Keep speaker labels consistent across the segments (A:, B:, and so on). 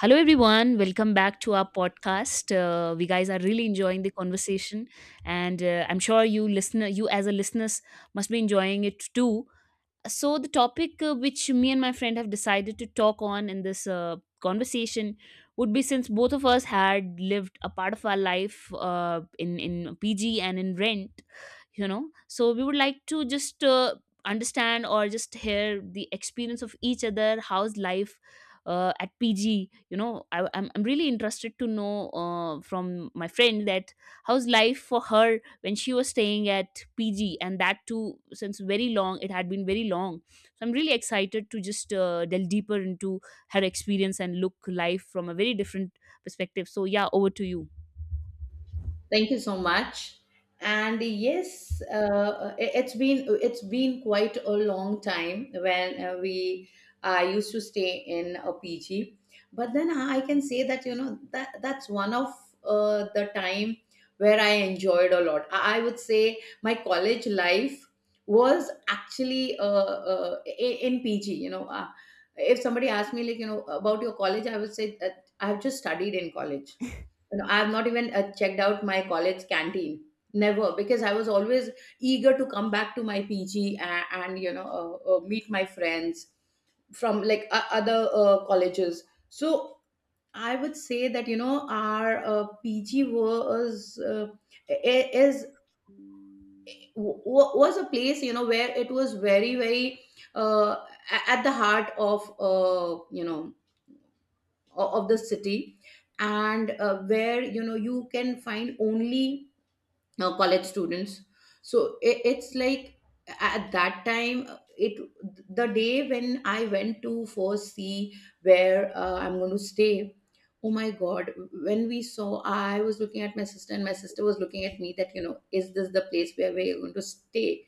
A: Hello, everyone. Welcome back to our podcast. We guys are really enjoying the conversation, and I'm sure you listener, you as a listeners, must be enjoying it too. So, the topic which me and my friend have decided to talk on in this conversation would be, since both of us had lived a part of our life in PG and in rent, so we would like to just understand or just hear the experience of each other. How's life at PG? I'm really interested to know from my friend that how's life for her when she was staying at PG, and that too, since very long, it had been very long. So I'm really excited to just delve deeper into her experience and look life from a very different perspective. So yeah, over to you.
B: Thank you so much. And yes, it's been quite a long time when we I used to stay in a PG, but then I can say that you know that's one of the time where I enjoyed a lot. I would say my college life was actually in PG. You know, if somebody asked me, like, you know, about your college, I would say that I have just studied in college. You know, I've not even checked out my college canteen. Never, because I was always eager to come back to my PG, and you know, meet my friends from, like, other colleges. So I would say that you know our PG was i- is was a place, you know, where it was very uh, at the heart of, you know, of the city, and where, you know, you can find only college students. So it's like, at that time, it the day when I went to first see where I'm going to stay, oh my god, when we saw, I was looking at my sister and my sister was looking at me that, you know, is this the place where we're going to stay?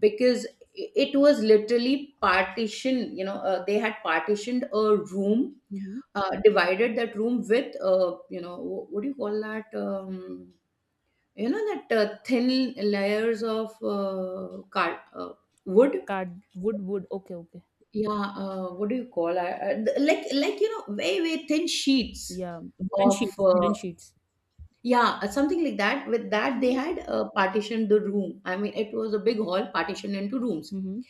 B: Because it was literally partition, you know. They had partitioned a room,
A: Mhm.
B: divided that room with, you know, what do you call that, you know, that thin layers of card, wood?
A: Card wood wood. Okay, okay.
B: Yeah, what do you call it? Like, you know, very, very thin sheets
A: Yeah, wooden
B: of,
A: sheets, wooden sheets.
B: yeah, something like that. With that, they had partitioned the room. I mean, it was a big hall partitioned into rooms.
A: Mm-hmm.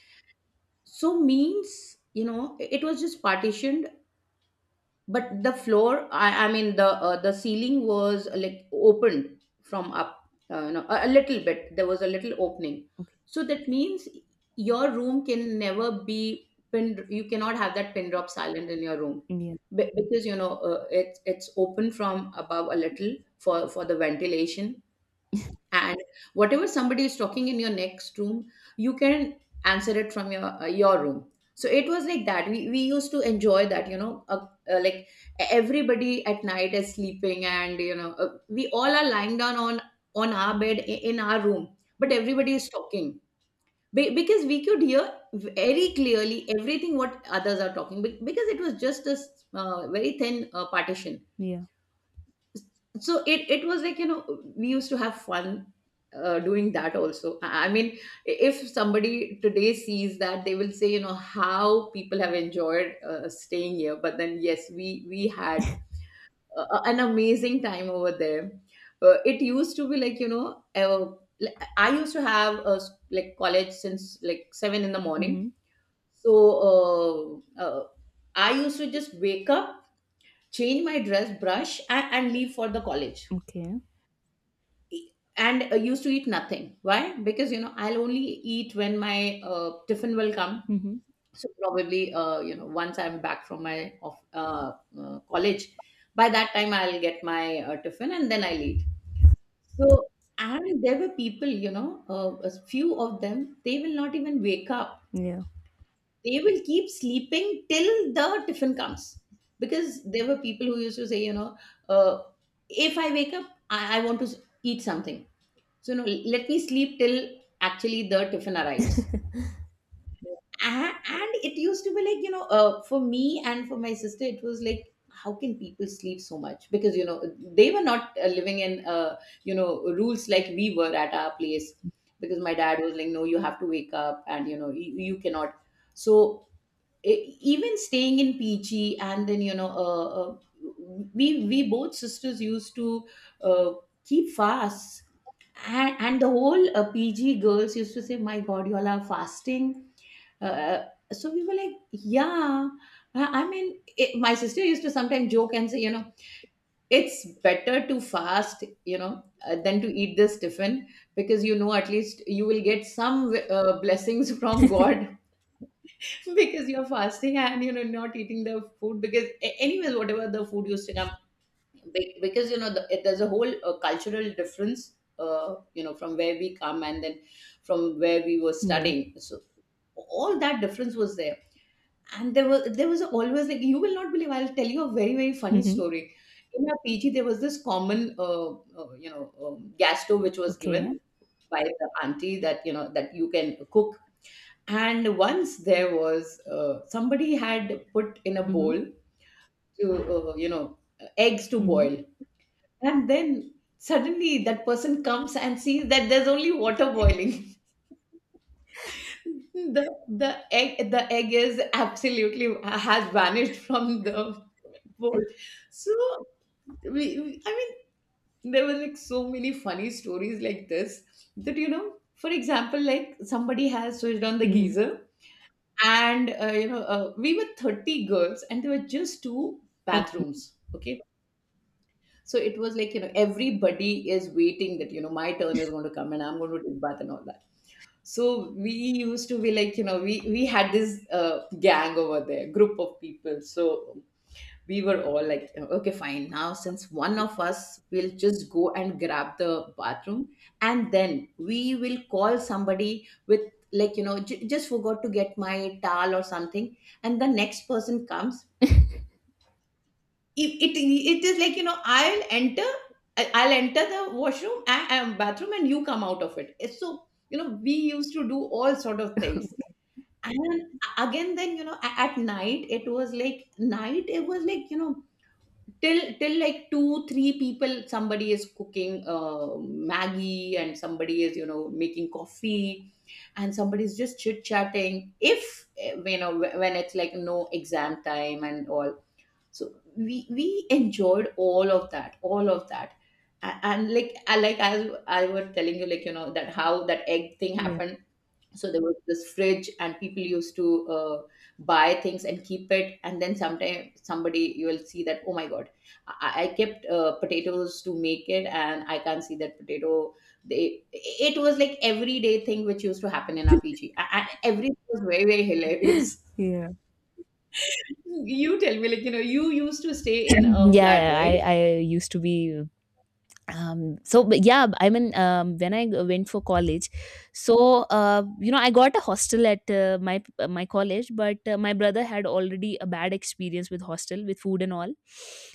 B: So means, you know, it was just partitioned, but the floor, I mean the, the ceiling, was like opened from up. You know, a little bit, there was a little opening,
A: Okay.
B: so that means your room can never be pinned. You cannot have that pin drop silent in your room.
A: Indian.
B: Because, you know, it's open from above a little, for the ventilation. And whatever somebody is talking in your next room, you can answer it from your room. So it was like that, we used to enjoy that, you know, like, everybody at night is sleeping, and, you know, we all are lying down on our bed in our room, but everybody is talking. Because we could hear very clearly everything what others are talking, because it was just very thin partition.
A: Yeah.
B: So it was like, you know, we used to have fun doing that also. I mean, if somebody today sees that, they will say, you know, how people have enjoyed staying here. But then, yes, we had an amazing time over there. It used to be like, you know, uh, like, I used to have like college since like 7 in the morning.
A: Mm-hmm.
B: So uh, uh, I used to just wake up, change my dress, brush, and leave for the college
A: Okay.
B: and used to eat nothing. Why? Because, you know, I'll only eat when my tiffin will come.
A: Mm-hmm.
B: So probably, you know, once I'm back from my of, college, by that time I'll get my tiffin, and then I'll eat. So, and there were people, you know, a few of them, they will not even wake up.
A: Yeah.
B: They will keep sleeping till the tiffin comes, because there were people who used to say, you know, uh, if I wake up, I want to eat something, so no, let me sleep till actually the tiffin arrives. And it used to be like, you know, for me and for my sister, it was like, how can people sleep so much? Because, you know, they were not living in, you know, rules like we were at our place. Because my dad was like, no, you have to wake up, and, you know, you cannot. So, even staying in Peachy, and then, you know, we both sisters used to uh, keep fasts. And and the whole pg girls used to say, my god, you all are fasting. uh, uh, so we were like, yeah. I mean, my sister used to sometimes joke and say, you know, it's better to fast, you know, than to eat this tiffin, because, you know, at least you will get some blessings from god, because you're fasting and, you know, not eating the food. Because anyways, whatever the food used to come, because, you know, there's a whole cultural difference, you know, from where we come, and then from where we were
A: Yeah.
B: studying. So all that difference was there. And there was always like, you will not believe, I'll tell you a very, very funny
A: Mm-hmm.
B: story. In our pg, there was this common you know, gas stove which was given
A: Okay.
B: by the auntie, that, you know, that you can cook. And once there was, somebody had put in a
A: Mm-hmm.
B: bowl to, you know, eggs to
A: Mm-hmm.
B: boil, and then suddenly that person comes and sees that there's only water boiling. The egg is absolutely has vanished from the bowl. So, I mean, there were like so many funny stories like this, that, you know, for example, like, somebody has switched on the
A: Mm-hmm.
B: geyser, and, you know, we were 30 girls and there were just two
A: Okay.
B: bathrooms, okay. So it was like, you know, everybody is waiting, that, you know, my turn is going to come and I'm going to take bath and all that. So we used to be like, you know, we had this gang over there, group of people. So we were all like, you know, okay, fine. Now, since one of us will just go and grab the bathroom, and then we will call somebody with, like, you know, just forgot to get my towel or something. And the next person comes, it is like, you know, I'll enter, I'll enter the washroom and bathroom, and you come out of it. It's so, you know, we used to do all sort of things. And again then, you know, at night, it was like, you know, till like 2 3 people, somebody is cooking maggie, and somebody is, you know, making coffee, and somebody is just chit chatting, if you know, when it's like no exam time and all. So we enjoyed all of that. And like I like, as I was telling you, like, you know, that how that egg thing
A: Yeah.
B: happened. So there was this fridge, and people used to buy things and keep it, and then sometime somebody, you will see that, oh my god, I kept potatoes to make it, and I can't see that potato. They It was like everyday thing which used to happen in our PG, and everything was very, very hilarious.
A: Yeah.
B: You tell me, like, you know, you used to stay in a
A: Yeah.
B: flat,
A: Yeah, I
B: right?
A: I used to be so, but yeah, I mean when went for college. So I got a hostel at my college, but my brother had already a bad experience with hostel, with food and all,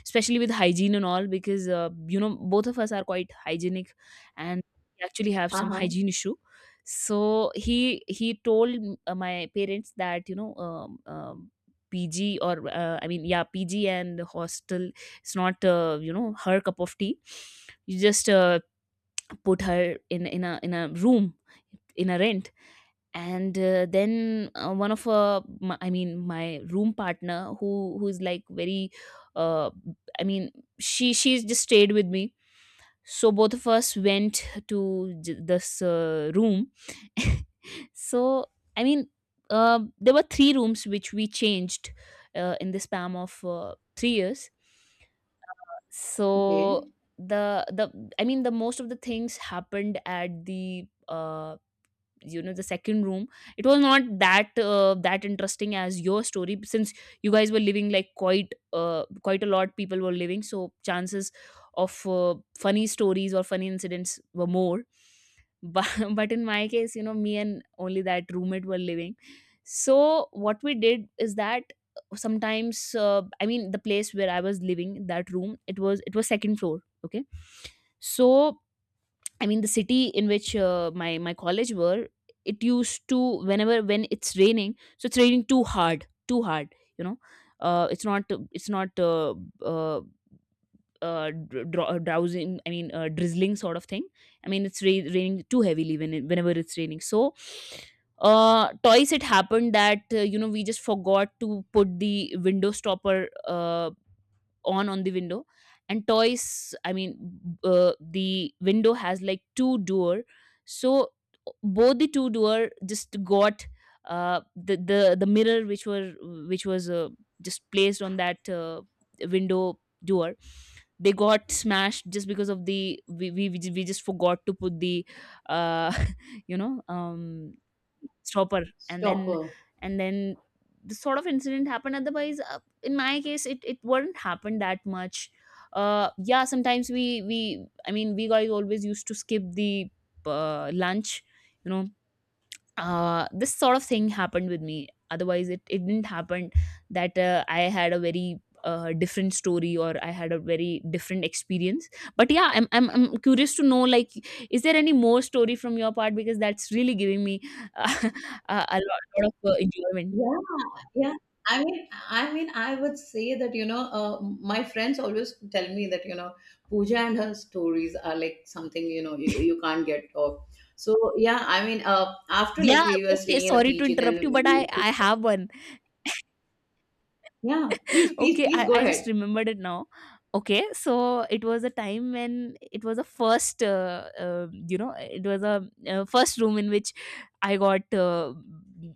A: especially with hygiene and all, because both of us are quite hygienic, and we actually have some
B: Uh-huh.
A: hygiene issue. So he told my parents that PG or yeah, PG and hostel, it's not her cup of tea. You just put her in a room in a rent. And then one of my, I mean my room partner who's like very uh, I mean, she just stayed with me. So both of us went to this room. So, I mean, there were three rooms which we changed in the span of 3 years. So
B: Okay.
A: the I mean, the most of the things happened at the the second room. It was not that that interesting as your story, since you guys were living like quite quite a lot, people were living, so chances of funny stories or funny incidents were more. But, but in my case, me and only that roommate were living. So what we did is that, sometimes I mean, the place where I was living, that room, it was second floor, okay. So I mean, the city in which my college were, it used to, whenever, when it's raining, so it's raining too hard. You know, it's not, it's not uh, uh, drowsing, I mean drizzling sort of thing. I mean it's raining too heavily, when whenever it's raining. So twice it happened that we just forgot to put the window stopper, on the window. And toys, I mean, the window has like two door. So both the two-door just got the mirror which were which was just placed on that window door, they got smashed, just because of the we ju- we just forgot to put the uh, you know um stopper. and then
B: Stopper.
A: and then this sort of incident happened. Otherwise, in my case, it wouldn't happen that much. Yeah, sometimes we I mean, we guys always used to skip the lunch, you know this sort of thing happened with me, otherwise it didn't happen that I had a very different story or I had a very different experience. But yeah, I'm curious to know, like, is there any more story from your part? Because that's really giving me uh, a lot, lot of enjoyment.
B: Yeah, yeah. I mean, I mean, I would say that, you know, my friends always tell me that, you know, Pooja and her stories are like something, you know, you can't get off. So, yeah, I mean, after, like,
A: Yeah,
B: we were
A: okay,
B: staying in a
A: sorry to
B: PG, then,
A: interrupt you, but i
B: we-
A: i have one.
B: yeah, please, please,
A: Okay,
B: please
A: I,
B: go
A: I just
B: ahead.
A: remembered it now. Okay, so it was a time when it was a first it was a first room in which I got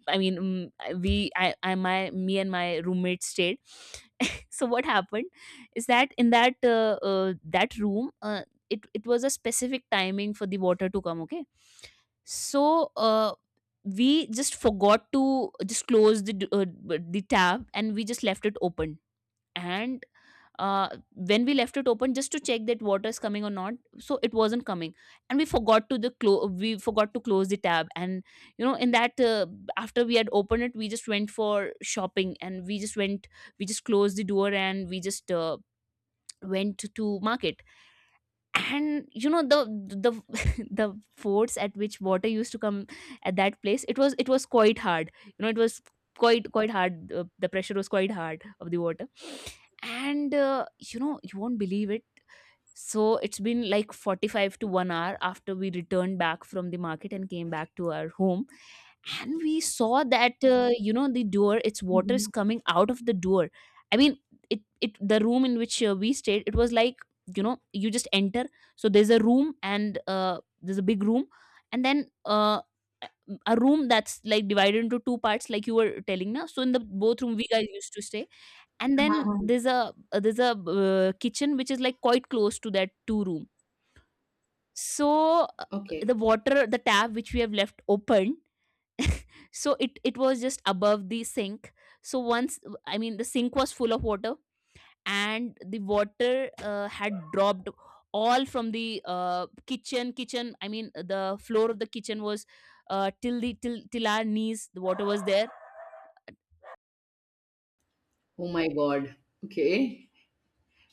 A: I mean, mm, I- we I my me and my roommate stayed. So what happened is that in that that room, it was a specific timing for the water to come, okay. So uh, we just forgot to just close the the tab, and we just left it open. And uh, when we left it open just to check that water is coming or not, so it wasn't coming. And we forgot to close the tab. And in that after we had opened it, we just went for shopping, and we just closed the door, and we just went to market. And the the force at which water used to come at that place, it was quite hard. You know, it was quite hard, the pressure was quite hard of the water. And you won't believe it. So it's been like 45 to 1 hour after we returned back from the market and came back to our home. And we saw that, the door, its water is
B: Mhm.
A: coming out of the door. I mean, it the room in which we stayed, it was like, you just enter. So there's a room, and there's a big room, and then a room that's like divided into two parts, like you were telling now. So in the both room we guys used to stay. And then
B: Uh-huh.
A: there's a kitchen which is like quite close to that two room. So
B: Okay.
A: the water, the tap which we have left open, so it was just above the sink. So once, I mean, the sink was full of water, and the water had dropped all from the kitchen. I mean, the floor of the kitchen was till the, till our knees, the water was there.
B: Oh my God. Okay.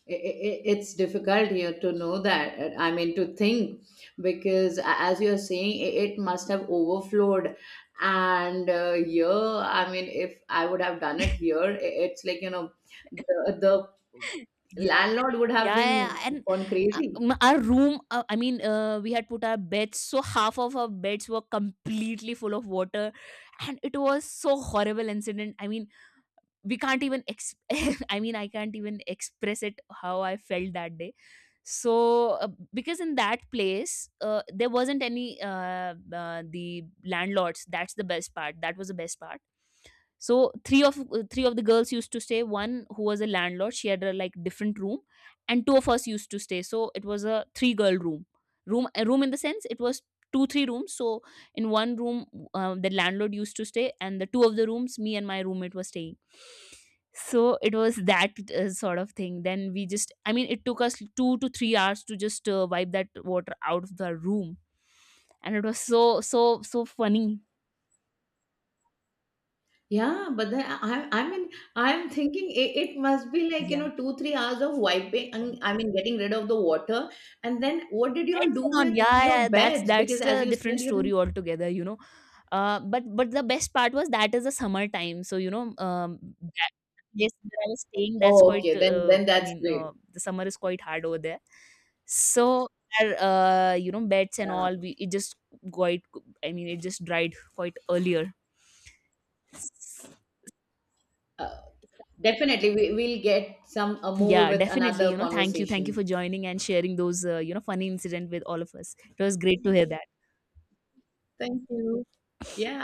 B: I- it's difficult here to know that, I mean, to think, because as you're saying, it must have overflowed. And here, I mean, if I would have done it here, it's like, you know, the landlord would have
A: Yeah,
B: been
A: and
B: gone crazy.
A: our room, I mean, we had put our beds, so half of our beds were completely full of water, and it was so horrible incident. I mean, we can't even I mean, I can't even express it how I felt that day. So uh, because in that place there wasn't any the landlords, that's the best part, that was the best part. So three of the girls used to stay, one who was a landlord, she had a like different room, and two of us used to stay. So it was a three girl room, room, a room in the sense it was two three rooms. So in one room the landlord used to stay, and the two of the rooms me and my roommate were staying. So it was that sort of thing. Then we just, I mean, it took us 2 to 3 hours to just wipe that water out of the room. And it was so so so funny.
B: Yeah, but then I mean, I'm thinking, it must be like, you
A: Yeah,
B: know, 2 3 hours of wiping, and, I mean, getting rid of the water, and then what did you all
A: pets
B: do
A: and
B: with
A: all. Yeah,
B: your
A: yeah, that's
B: beds, because
A: that's
B: as
A: the
B: you
A: different
B: said you—
A: story altogether, you know, but the best part was that, is the summer time, so um that place where I was staying, that's
B: Oh,
A: quite
B: okay. Then
A: I
B: that's
A: mean,
B: great.
A: the summer is quite hard over there. So our, beds and
B: Yeah.
A: all, we, it just quite, I mean it just dried quite earlier.
B: Uh, definitely, we'll get some more
A: Yeah,
B: with
A: definitely,
B: another
A: thank you, thank you for
B: conversation.
A: joining and sharing those funny incident with all of us. It was great to hear that.
B: Thank you. Yeah,